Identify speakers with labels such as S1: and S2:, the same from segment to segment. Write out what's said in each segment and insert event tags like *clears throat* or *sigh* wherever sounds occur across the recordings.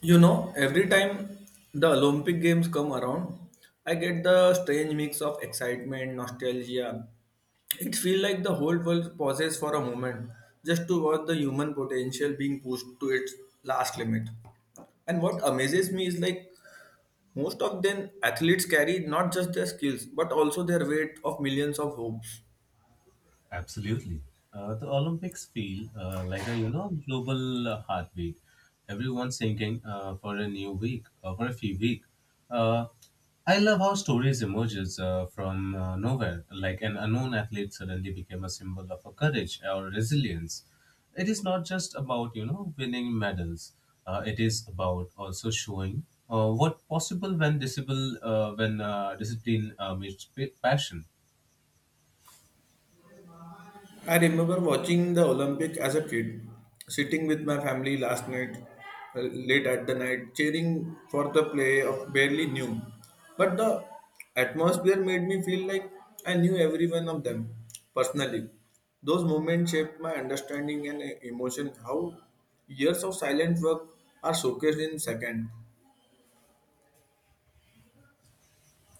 S1: You know, every time the Olympic Games come around, I get the strange mix of excitement, nostalgia. It feels like the whole world pauses for a moment just to watch the human potential being pushed to its last limit. And what amazes me is like most of them athletes carry not just their skills but also their weight of millions of hopes.
S2: Absolutely. The Olympics feel like a global heartbeat. Everyone's thinking for a new week or for a few week. Uh, I love how stories emerges from nowhere, like an unknown athlete suddenly became a symbol of a courage or resilience. It is not just about winning medals. It is about also showing what possible when disable when discipline meets passion.
S1: I remember watching the Olympic as a kid, sitting with my family last night, late at the night, cheering for the play of barely knew. But the atmosphere made me feel like I knew every one of them personally. Those moments shaped my understanding and emotion how years of silent work are showcased in seconds.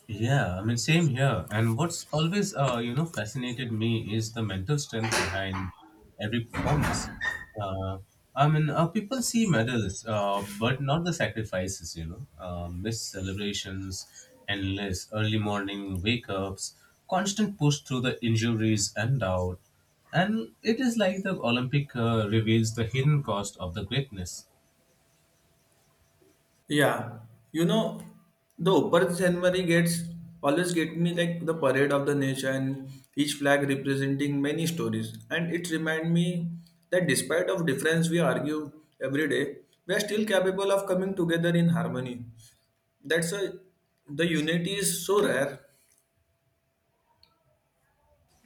S2: Yeah, I mean, same here. And what's always fascinated me is the mental strength behind every performance. Uh, I mean, people see medals, but not the sacrifices, missed celebrations, endless early morning wake ups, constant push through the injuries and doubt. And it is like the Olympic reveals the hidden cost of the greatness.
S1: Yeah, you know, the Upper Senmari gets always get me like the parade of the nature and each flag representing many stories. And it remind me that despite of difference we argue every day, we are still capable of coming together in harmony. That's a the unity is so rare,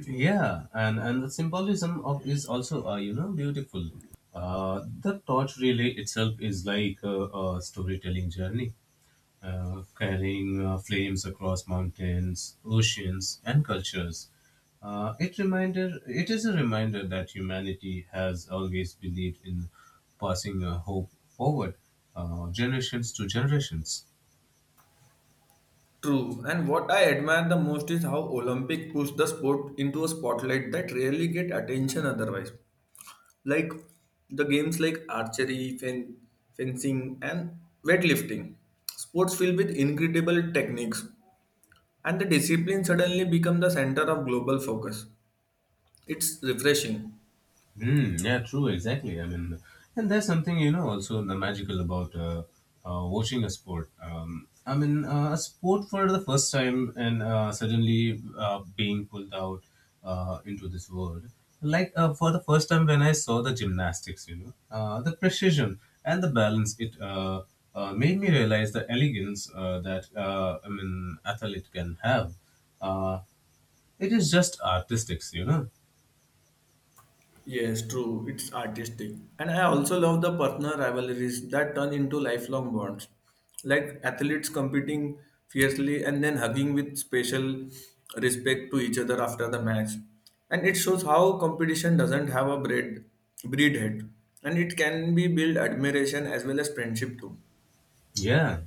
S2: Yeah, and the symbolism of is also beautiful. The torch relay itself is like a storytelling journey, carrying flames across mountains, oceans, and cultures. It is a reminder that humanity has always believed in passing hope forward, generations to generations.
S1: true. And what I admire the most is how Olympic push the sport into a spotlight that rarely get attention otherwise. Like the games like archery, fencing, and weightlifting. Sports filled with incredible techniques, and the discipline suddenly become the center of global focus. It's refreshing.
S2: Mm, yeah, true, exactly. I mean, and there's something also the magical about watching a sport. I mean, a sport for the first time and suddenly being pulled out into this world. Like for the first time when I saw the gymnastics, you know, the precision and the balance, it made me realize the elegance that I mean athlete can have. Uh, it is just artistics, you know.
S1: Yes, true. It's artistic. And I also love the partner rivalries that turn into lifelong bonds. Like athletes competing fiercely and then hugging with special respect to each other after the match. And it shows how competition doesn't have a breed, breed head. And it can be build admiration as well as friendship too.
S2: Yeah,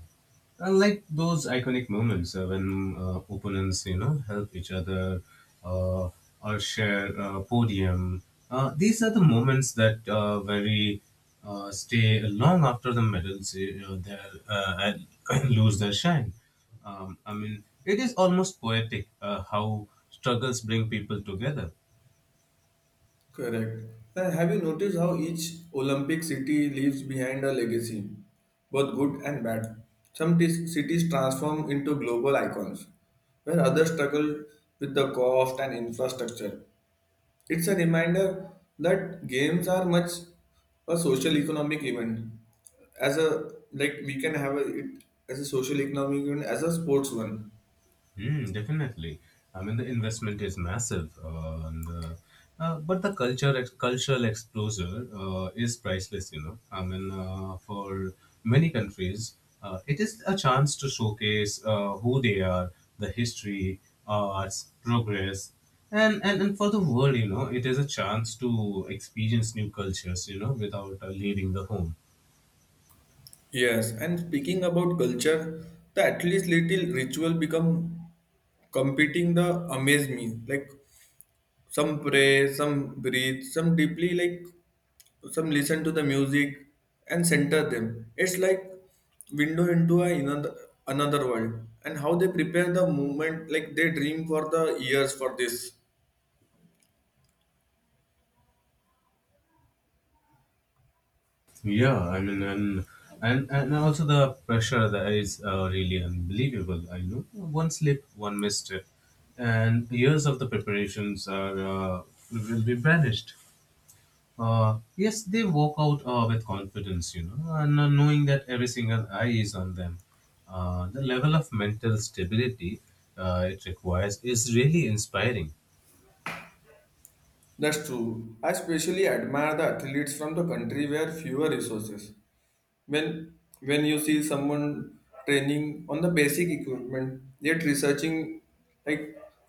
S2: I like those iconic moments when opponents, you know, help each other uh, or share a podium. These are the moments that very stay long after the medals, you know, and *coughs* *clears throat* lose their shine. I mean, it is almost poetic how struggles bring people together.
S1: Correct. Now, have you noticed how each Olympic city leaves behind a legacy, both good and bad? Some cities transform into global icons, where others struggle with the cost and infrastructure. It's a reminder that games are much a social economic event, as a like we can have a, it as a social economic event as a sports one.
S2: Mm, definitely. I mean, the investment is massive, and but the cultural exposure is priceless. You know, I mean, for many countries, it is a chance to showcase who they are, the history, arts, progress, and, and for the world, you know, it is a chance to experience new cultures. You know, without leaving the home.
S1: Yes, and speaking about culture, the at least little ritual become competing the amaze me like some pray some breathe some deeply like some listen to the music and center them it's like window into a another another world and how they prepare the movement like they dream for the years for this.
S2: Yeah, I mean, and also the pressure that is really unbelievable. I know one slip, one misstep, and years of the preparations are will be vanished. Yes, they walk out with confidence, you know, and knowing that every single eye is on them. The level of mental stability it requires is really inspiring.
S1: That's true. I especially admire the athletes from the country where fewer resources, when when you see someone training on the basic equipment yet researching like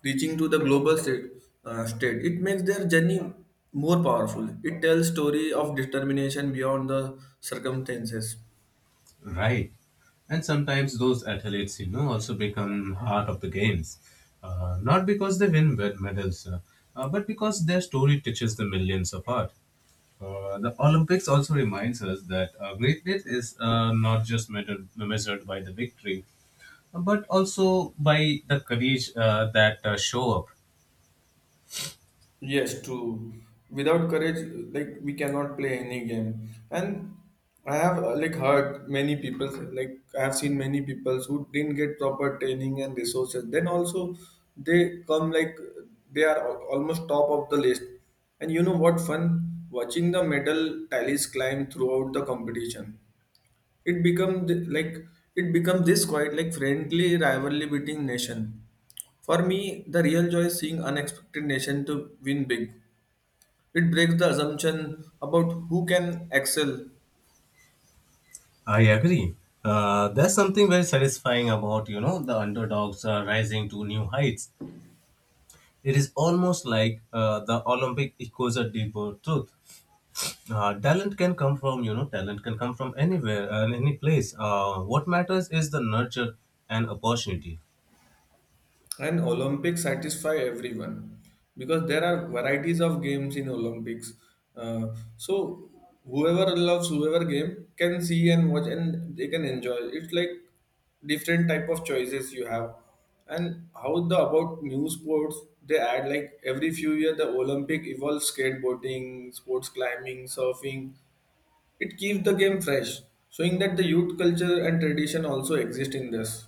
S1: reaching to the global state, state, it makes their journey more powerful. It tells story of determination beyond the circumstances.
S2: Right. And sometimes those athletes, you know, also become heart of the games. Not because they win medals, but because their story touches the millions apart. The Olympics also reminds us that greatness is not just measured by the victory, but also by the courage that show up.
S1: Yes, true. Without courage, like we cannot play any game. And I have like heard many people, like I have seen many people who didn't get proper training and resources. Then also they come like they are almost top of the list. And you know what fun? Watching the medal tallies climb throughout the competition. It become like it become this quite like friendly rivalry between nation. For me, the real joy is seeing unexpected nation to win big. It breaks the assumption about who can excel.
S2: I agree. There's something very satisfying about the underdogs rising to new heights. It is almost like the Olympic echoes a deeper truth. Uh, talent can come from anywhere and any place. What matters is the nurture and opportunity.
S1: And Olympics satisfy everyone because there are varieties of games in Olympics. Uh, so whoever loves whoever game can see and watch and they can enjoy. It's like different type of choices you have. And how the about new sports they add like every few year the Olympic evolves skateboarding, sports climbing, surfing. It keeps the game fresh, showing that the youth culture and tradition also exist in this.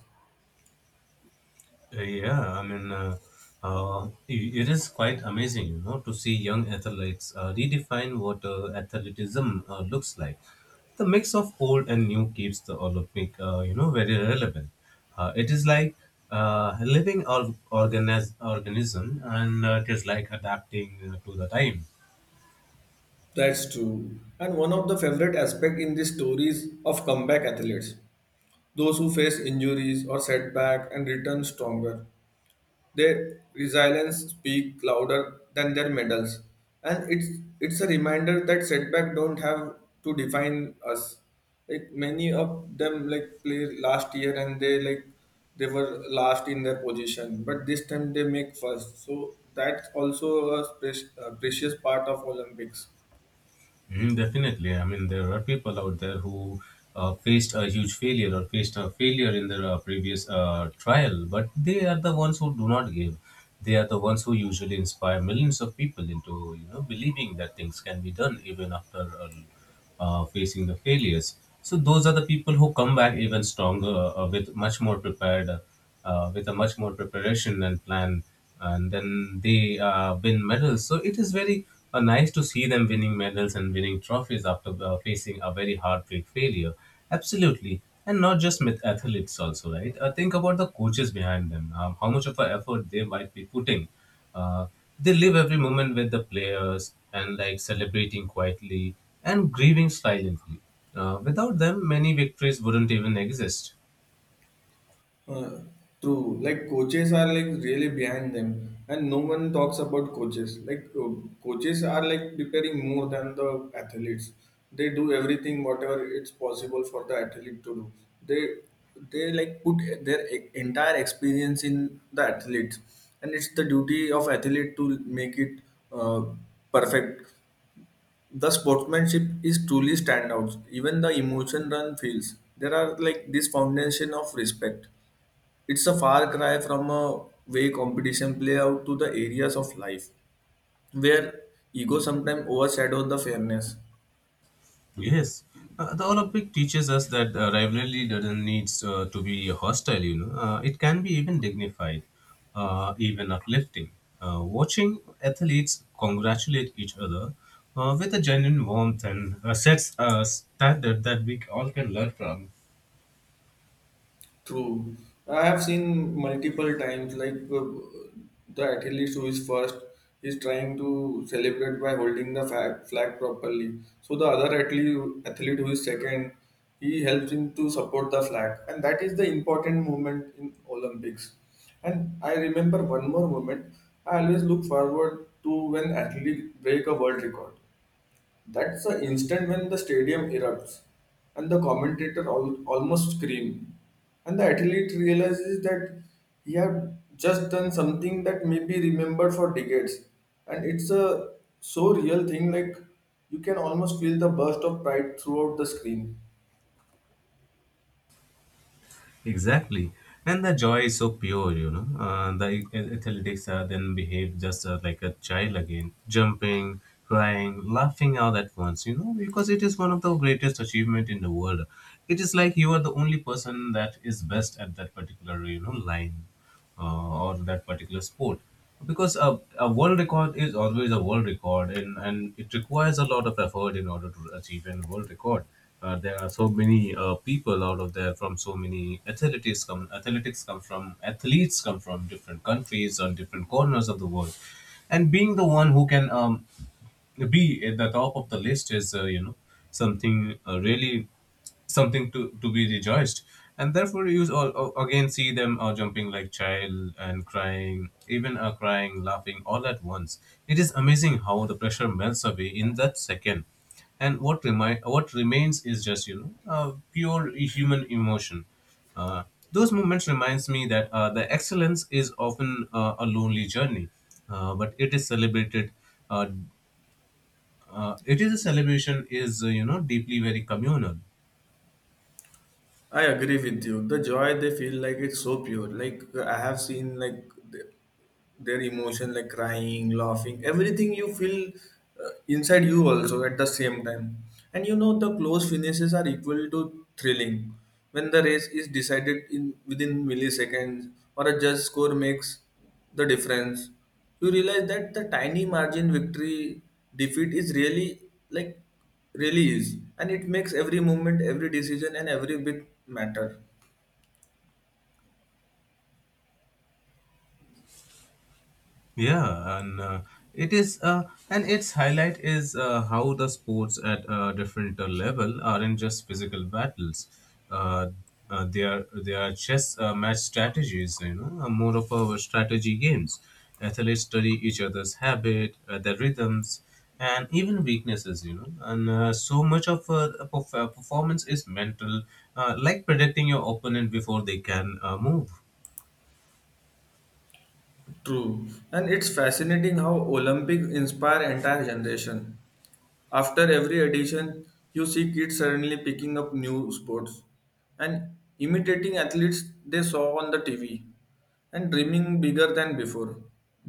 S2: Yeah, I mean, uh, it is quite amazing, you know, to see young athletes redefine what athleticism looks like. The mix of old and new keeps the Olympic, you know, very relevant. It is like living organism, and it is like adapting to the time.
S1: That's true. And one of the favorite aspects in these stories of comeback athletes, those who face injuries or setback and return stronger. Their resilience speak louder than their medals. And it's a reminder that setback don't have to define us. Like many of them like play last year and they like they were last in their position, but this time they make first. So that's also a a precious part of Olympics.
S2: Mm, definitely. I mean, there are people out there who faced a failure in their previous trial, but they are the ones who do not give. They are the ones who usually inspire millions of people into, you know, believing that things can be done even after a facing the failures. So those are the people who come back even stronger, with a much more preparation and plan, and then they win medals. So it is very nice to see them winning medals and winning trophies after facing a very heartbreak failure. Absolutely, and not just with athletes also, right? Think about the coaches behind them. How much of an effort they might be putting uh, they live every moment with the players and like celebrating quietly and grieving silently. Without them, many victories wouldn't even exist.
S1: Uh, True. Like coaches are like really behind them, and no one talks about coaches. Coaches are like preparing more than the athletes. They do everything whatever it's possible for the athlete to do. They they like put their entire experience in the athletes, and it's the duty of athlete to make it uh, perfect. The sportsmanship is truly standout. Even the emotion run feels. There are like this foundation of respect. It's a far cry from a way competition play out to the areas of life where ego sometimes overshadow the fairness.
S2: Yes, the Olympic teaches us that rivalry doesn't need to be hostile. You know, it can be even dignified, even uplifting. Watching athletes congratulate each other with a genuine warmth and sets a standard that we all can learn from.
S1: True. I have seen multiple times, the athlete who is first is trying to celebrate by holding the flag properly. So the other athlete, athlete who is second, he helps him to support the flag, and that is the important moment in Olympics. And I remember one more moment. I always look forward to when athlete break a world record. That's the instant when the stadium erupts and the commentator almost scream and the athlete realizes that he had just done something that may be remembered for decades, and it's a so real thing, like you can almost feel the burst of pride throughout the screen.
S2: Exactly. And the joy is so pure, you know. The athletics then behave just like a child again, jumping, crying, laughing all at once, you know, because it is one of the greatest achievement in the world. It is like you are the only person that is best at that particular, you know, line or that particular sport, because a world record is always a world record, and it requires a lot of effort in order to achieve a world record. There are so many people out of there from so many athletics come from athletes come from different countries on different corners of the world, and being the one who can be at the top of the list is you know something really something to be rejoiced, and therefore you again see them jumping like child and crying, even crying, laughing all at once. It is amazing how the pressure melts away in that second, and what remains is just you know pure human emotion. Uh, those moments reminds me that the excellence is often a lonely journey, but it is celebrated. Uh, uh, it is a celebration is you know deeply very communal.
S1: I agree with you. The joy they feel like it's so pure. Like I have seen like their emotion like crying laughing everything you feel inside you also at the same time. And you know the close finishes are equal to thrilling when the race is decided in within milliseconds or a judge score makes the difference. You realize that the tiny margin victory defeat is really like really is, and it makes every moment every decision and every bit matter.
S2: Yeah, and its highlight is how the sports at a different level aren't just physical battles. Uh, they are chess match strategies. You know, more of our strategy games. Athletes study each other's habit, their rhythms, and even weaknesses. You know, and so much of performance is mental, like predicting your opponent before they can move.
S1: True, and it's fascinating how olympic inspire entire generation. After every edition, you see kids suddenly picking up new sports and imitating athletes they saw on the TV and dreaming bigger than before.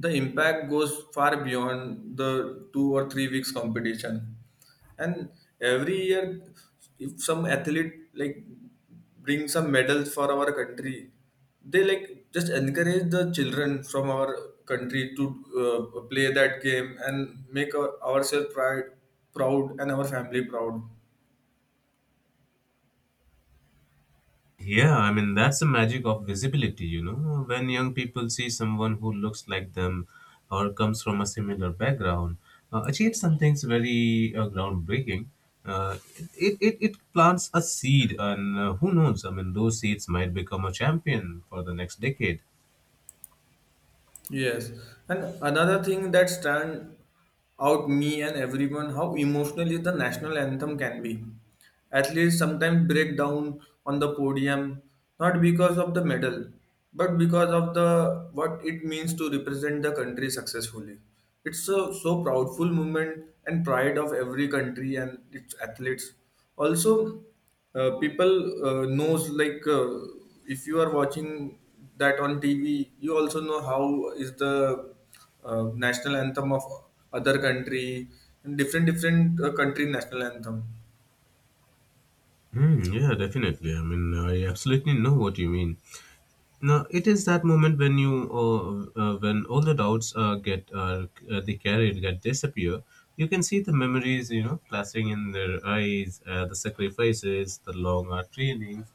S1: The impact goes far beyond the 2 or 3 weeks competition. And every year if some athlete like bring some medals for our country they like just encourage the children from our country to play that game and make our, ourselves pride, proud and our family proud.
S2: Yeah, I mean, that's the magic of visibility, you know. When young people see someone who looks like them or comes from a similar background, achieve something very groundbreaking, uh, it plants a seed, and who knows? I mean, those seeds might become a champion for the next decade.
S1: Yes, and another thing that stand out me and everyone how emotionally the national anthem can be. Athletes sometimes break down on the podium not because of the medal, but because of the what it means to represent the country successfully. It's a so proudful moment and pride of every country and its athletes. Also, people knows if you are watching that on tv you also know how is the national anthem of other country and different different country national anthem.
S2: Hmm, yeah, definitely. I mean, I absolutely know what you mean. No, it is that moment when when all the doubts get disappear. You can see the memories, you know, flashing in their eyes, the sacrifices, the long hour trainings,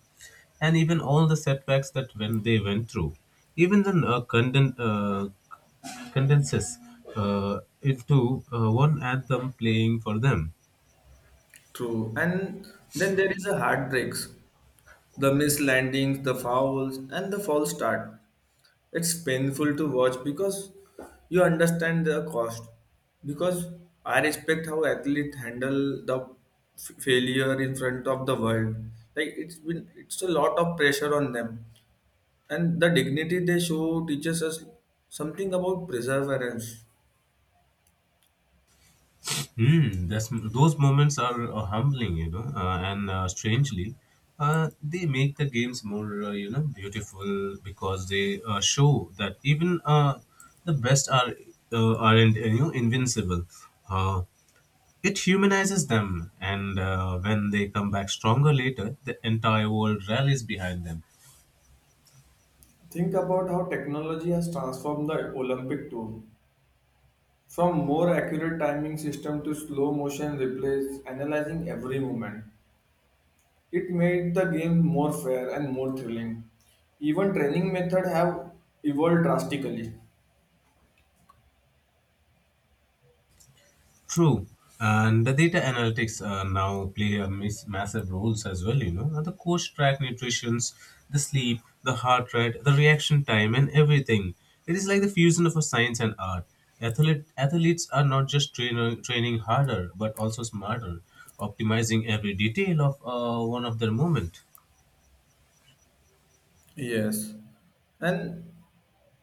S2: and even all the setbacks that when they went through. Even the condenses into one anthem playing for them.
S1: True, and then there is a heartbreaks, the mislandings, the fouls and the false start. It's painful to watch because you understand the cost, because I respect how athletes handle the failure in front of the world. Like it's been it's a lot of pressure on them, and the dignity they show teaches us something about perseverance.
S2: Hmm. Those moments are humbling, you know, and strangely, they make the games more, you know, beautiful because they show that even the best aren't you know invincible. Uh, it humanizes them, and when they come back stronger later, the entire world rallies behind them.
S1: Think about how technology has transformed the olympic tour from more accurate timing system to slow motion replays analyzing every movement. It made the game more fair and more thrilling. Even training method have evolved drastically.
S2: True, and the data analytics now play a massive roles as well. You know, and the coach track nutritions, the sleep, the heart rate, the reaction time, and everything. It is like the fusion of a science and art. Athletes are not just training harder, but also smarter, optimizing every detail of one of their movement.
S1: Yes. And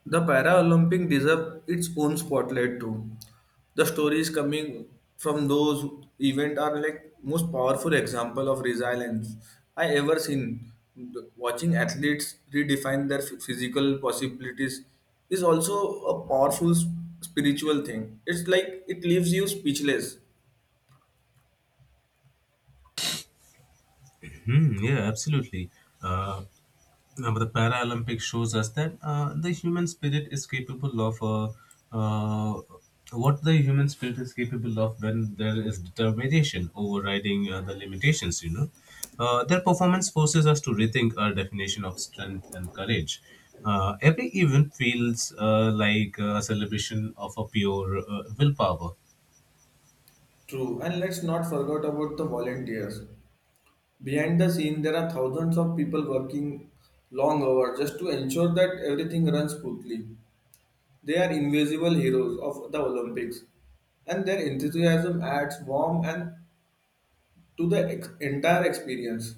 S1: the Paralympic deserve its own spotlight too. The stories coming from those event are like most powerful example of resilience I ever seen. Watching athletes redefine their physical possibilities is also a powerful spiritual thing. It's like it leaves you speechless.
S2: Hmm, yeah, absolutely. Uh, Now, the Paralympic shows us that the human spirit is capable of uh, what the human spirit is capable of when there is determination overriding the limitations. You know, their performance forces us to rethink our definition of strength and courage. Every event feels like a celebration of a pure willpower.
S1: True, and let's not forget about the volunteers. Behind the scene, there are thousands of people working long hours just to ensure that everything runs smoothly. They are invisible heroes of the Olympics, and their enthusiasm adds warmth and to the entire experience.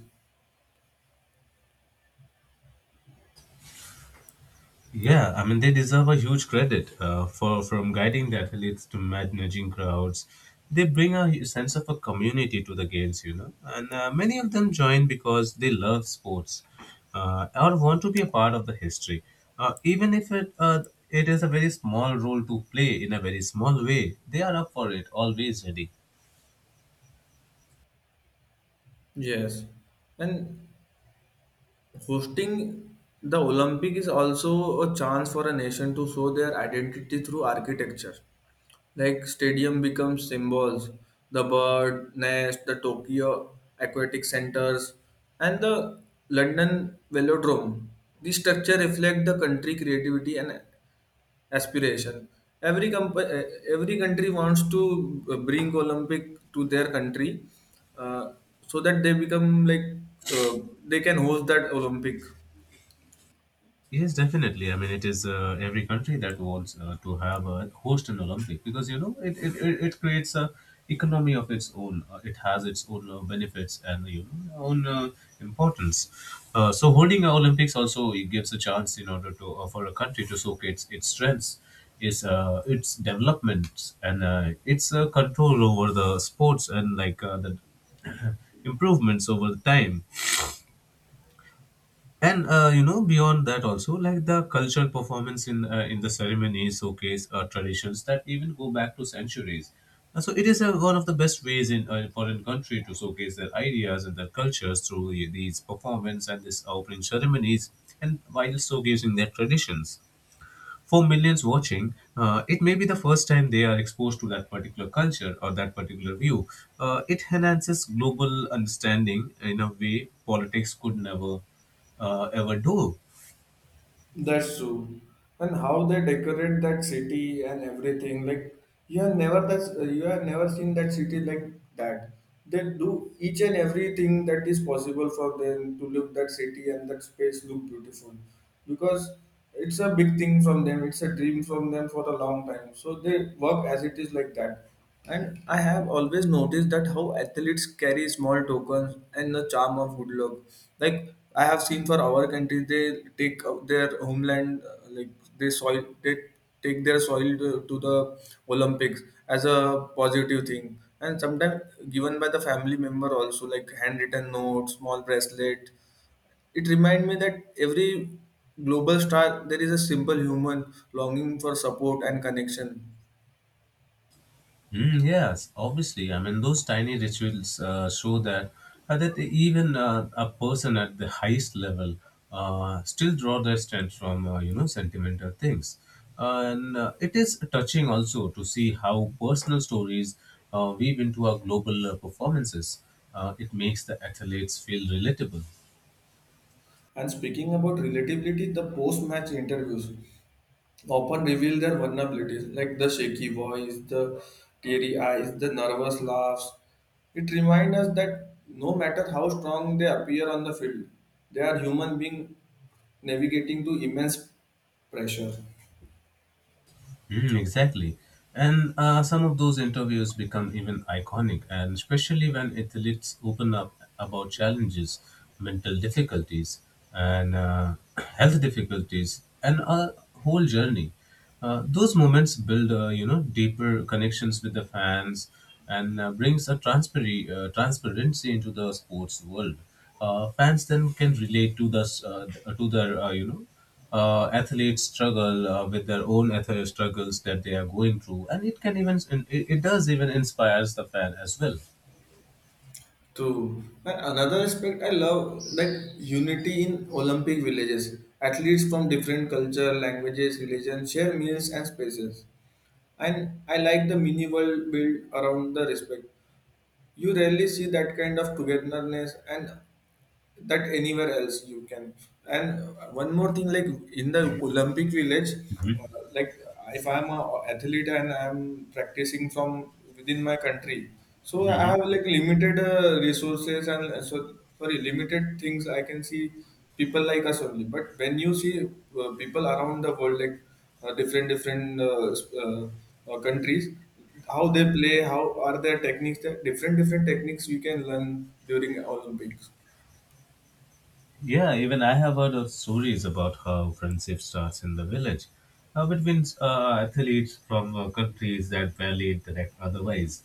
S2: Yeah, I mean they deserve a huge credit for from guiding the athletes to managing crowds. They bring a sense of a community to the games, and many of them join because they love sports or want to be a part of the history, even if it is a very small role to play in a very small way. They are up for it, always ready.
S1: Yes, and hosting the Olympic is also a chance for a nation to show their identity through architecture. Like stadium becomes symbols, the bird nest, the Tokyo Aquatic Centers, and the London Velodrome. These structure reflect the country creativity and aspiration. Every comp- uh, every country wants to bring Olympic to their country, uh, so that they become like uh, they can host that Olympic.
S2: Yes, definitely. I mean, it is every country that wants to have a host an Olympic because it creates a economy of its own. It has its own benefits and own importance. So holding an Olympics also it gives a chance in order to for a country to showcase its strengths, its developments, and its control over the sports and the *clears throat* improvements over the time and beyond that also like the cultural performance in the ceremonies showcase traditions that even go back to centuries. So it is one of the best ways in a foreign country to showcase their ideas and their cultures through these performance and this opening ceremonies and while showcasing their traditions for millions watching. It may be the first time they are exposed to that particular culture or that particular view. It enhances global understanding in a way politics could never ever do.
S1: That's true. And how they decorate that city and everything, like you have never seen that city like that. They do each and everything that is possible for them to look that city and that space look beautiful, because it's a big thing from them. It's a dream from them for a long time. So they work as it is like that. And I have always noticed that how athletes carry small tokens and the charm of good luck. Like I have seen for our country, they take out their homeland, like they soil, they take their soil to the Olympics as a positive thing. And sometimes given by the family member also, like handwritten notes, small bracelet. It reminds me that every global star, there is a simple human longing for support and connection.
S2: Mm, yes, obviously. I mean, those tiny rituals show that that even a person at the highest level still draw their strength from sentimental things, and it is touching also to see how personal stories weave into our global performances. It makes the athletes feel relatable.
S1: And speaking about relatability, the post match interviews often reveal their vulnerabilities, like the shaky voice, the teary eyes, the nervous laughs. It reminds us that no matter how strong they appear on the field, they are human beings navigating to immense pressure.
S2: Mm, exactly. And some of those interviews become even iconic, and especially when athletes open up about challenges, mental difficulties, and *clears throat* health difficulties, and a whole journey. Those moments build, deeper connections with the fans, and transparency into the sports world. Fans then can relate to to their athletes struggle with their own ethical struggles that they are going through, and it does even inspires the fan as well.
S1: True. And another aspect I love like unity in Olympic villages. Athletes from different culture, languages, religions share meals and spaces. And I like the mini world built around the respect. You rarely see that kind of togetherness and that anywhere else you can. And one more thing like in the olympic village like if I'm a athlete and I'm practicing from within my country, so I have like limited resources and so sorry limited things I can see people like us only. But when you see people around the world like different different countries, how they play, how are their techniques, the different different techniques you can learn during Olympics.
S2: Yeah, even I have heard of stories about how friendship starts in the village between athletes from countries that barely interact otherwise.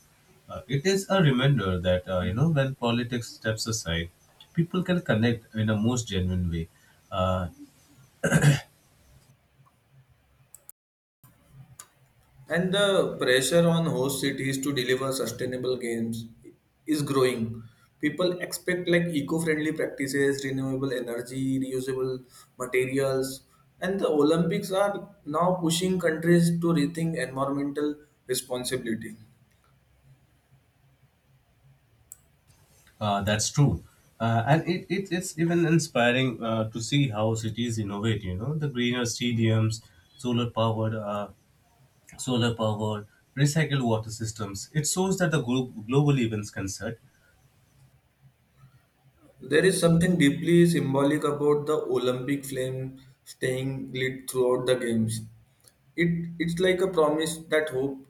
S2: It is a reminder that when politics steps aside, people can connect in a most genuine way. Uh,
S1: And the pressure on host cities to deliver sustainable games is growing. People expect like eco-friendly practices, renewable energy, reusable materials, and the Olympics are now pushing countries to rethink environmental responsibility.
S2: That's true. And, it, it's even inspiring to see how cities innovate, you know, the greener stadiums, solar powered, uh, solar powered, recycled water systems. It shows that the glo- global events concert.
S1: There is something deeply symbolic about the Olympic flame staying lit throughout the games. It's like a promise that hope,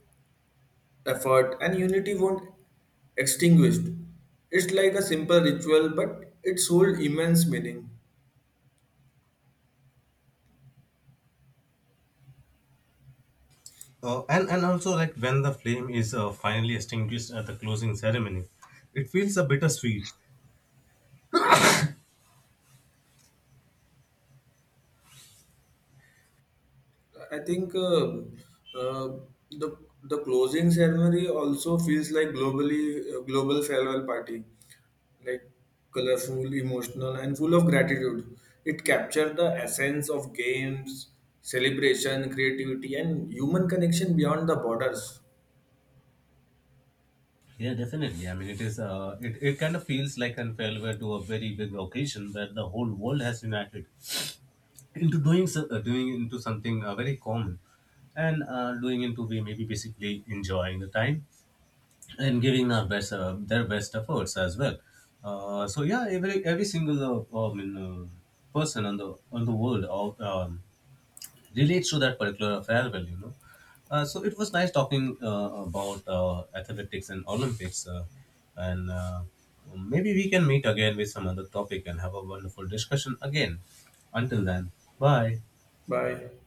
S1: effort, and unity won't extinguished. It's like a simple ritual, but it's hold immense meaning.
S2: And, also like when the flame is finally extinguished at the closing ceremony, it feels a bittersweet.
S1: I think uh, the the closing ceremony also feels like globally global farewell party, like colorful, emotional, and full of gratitude. It captured the essence of games, celebration, creativity, and human connection beyond the borders.
S2: Yeah, definitely. I mean, it is. It, it kind of feels like an farewell to a very big occasion where the whole world has united into doing so, doing into something very common and doing into we maybe basically enjoying the time and giving our best their best efforts as well. So yeah, every single uh, I mean, uh, person on the world of, relates to that particular farewell. So it was nice talking about athletics and olympics, and maybe we can meet again with some other topic and have a wonderful discussion again. Until then, bye.
S1: Bye.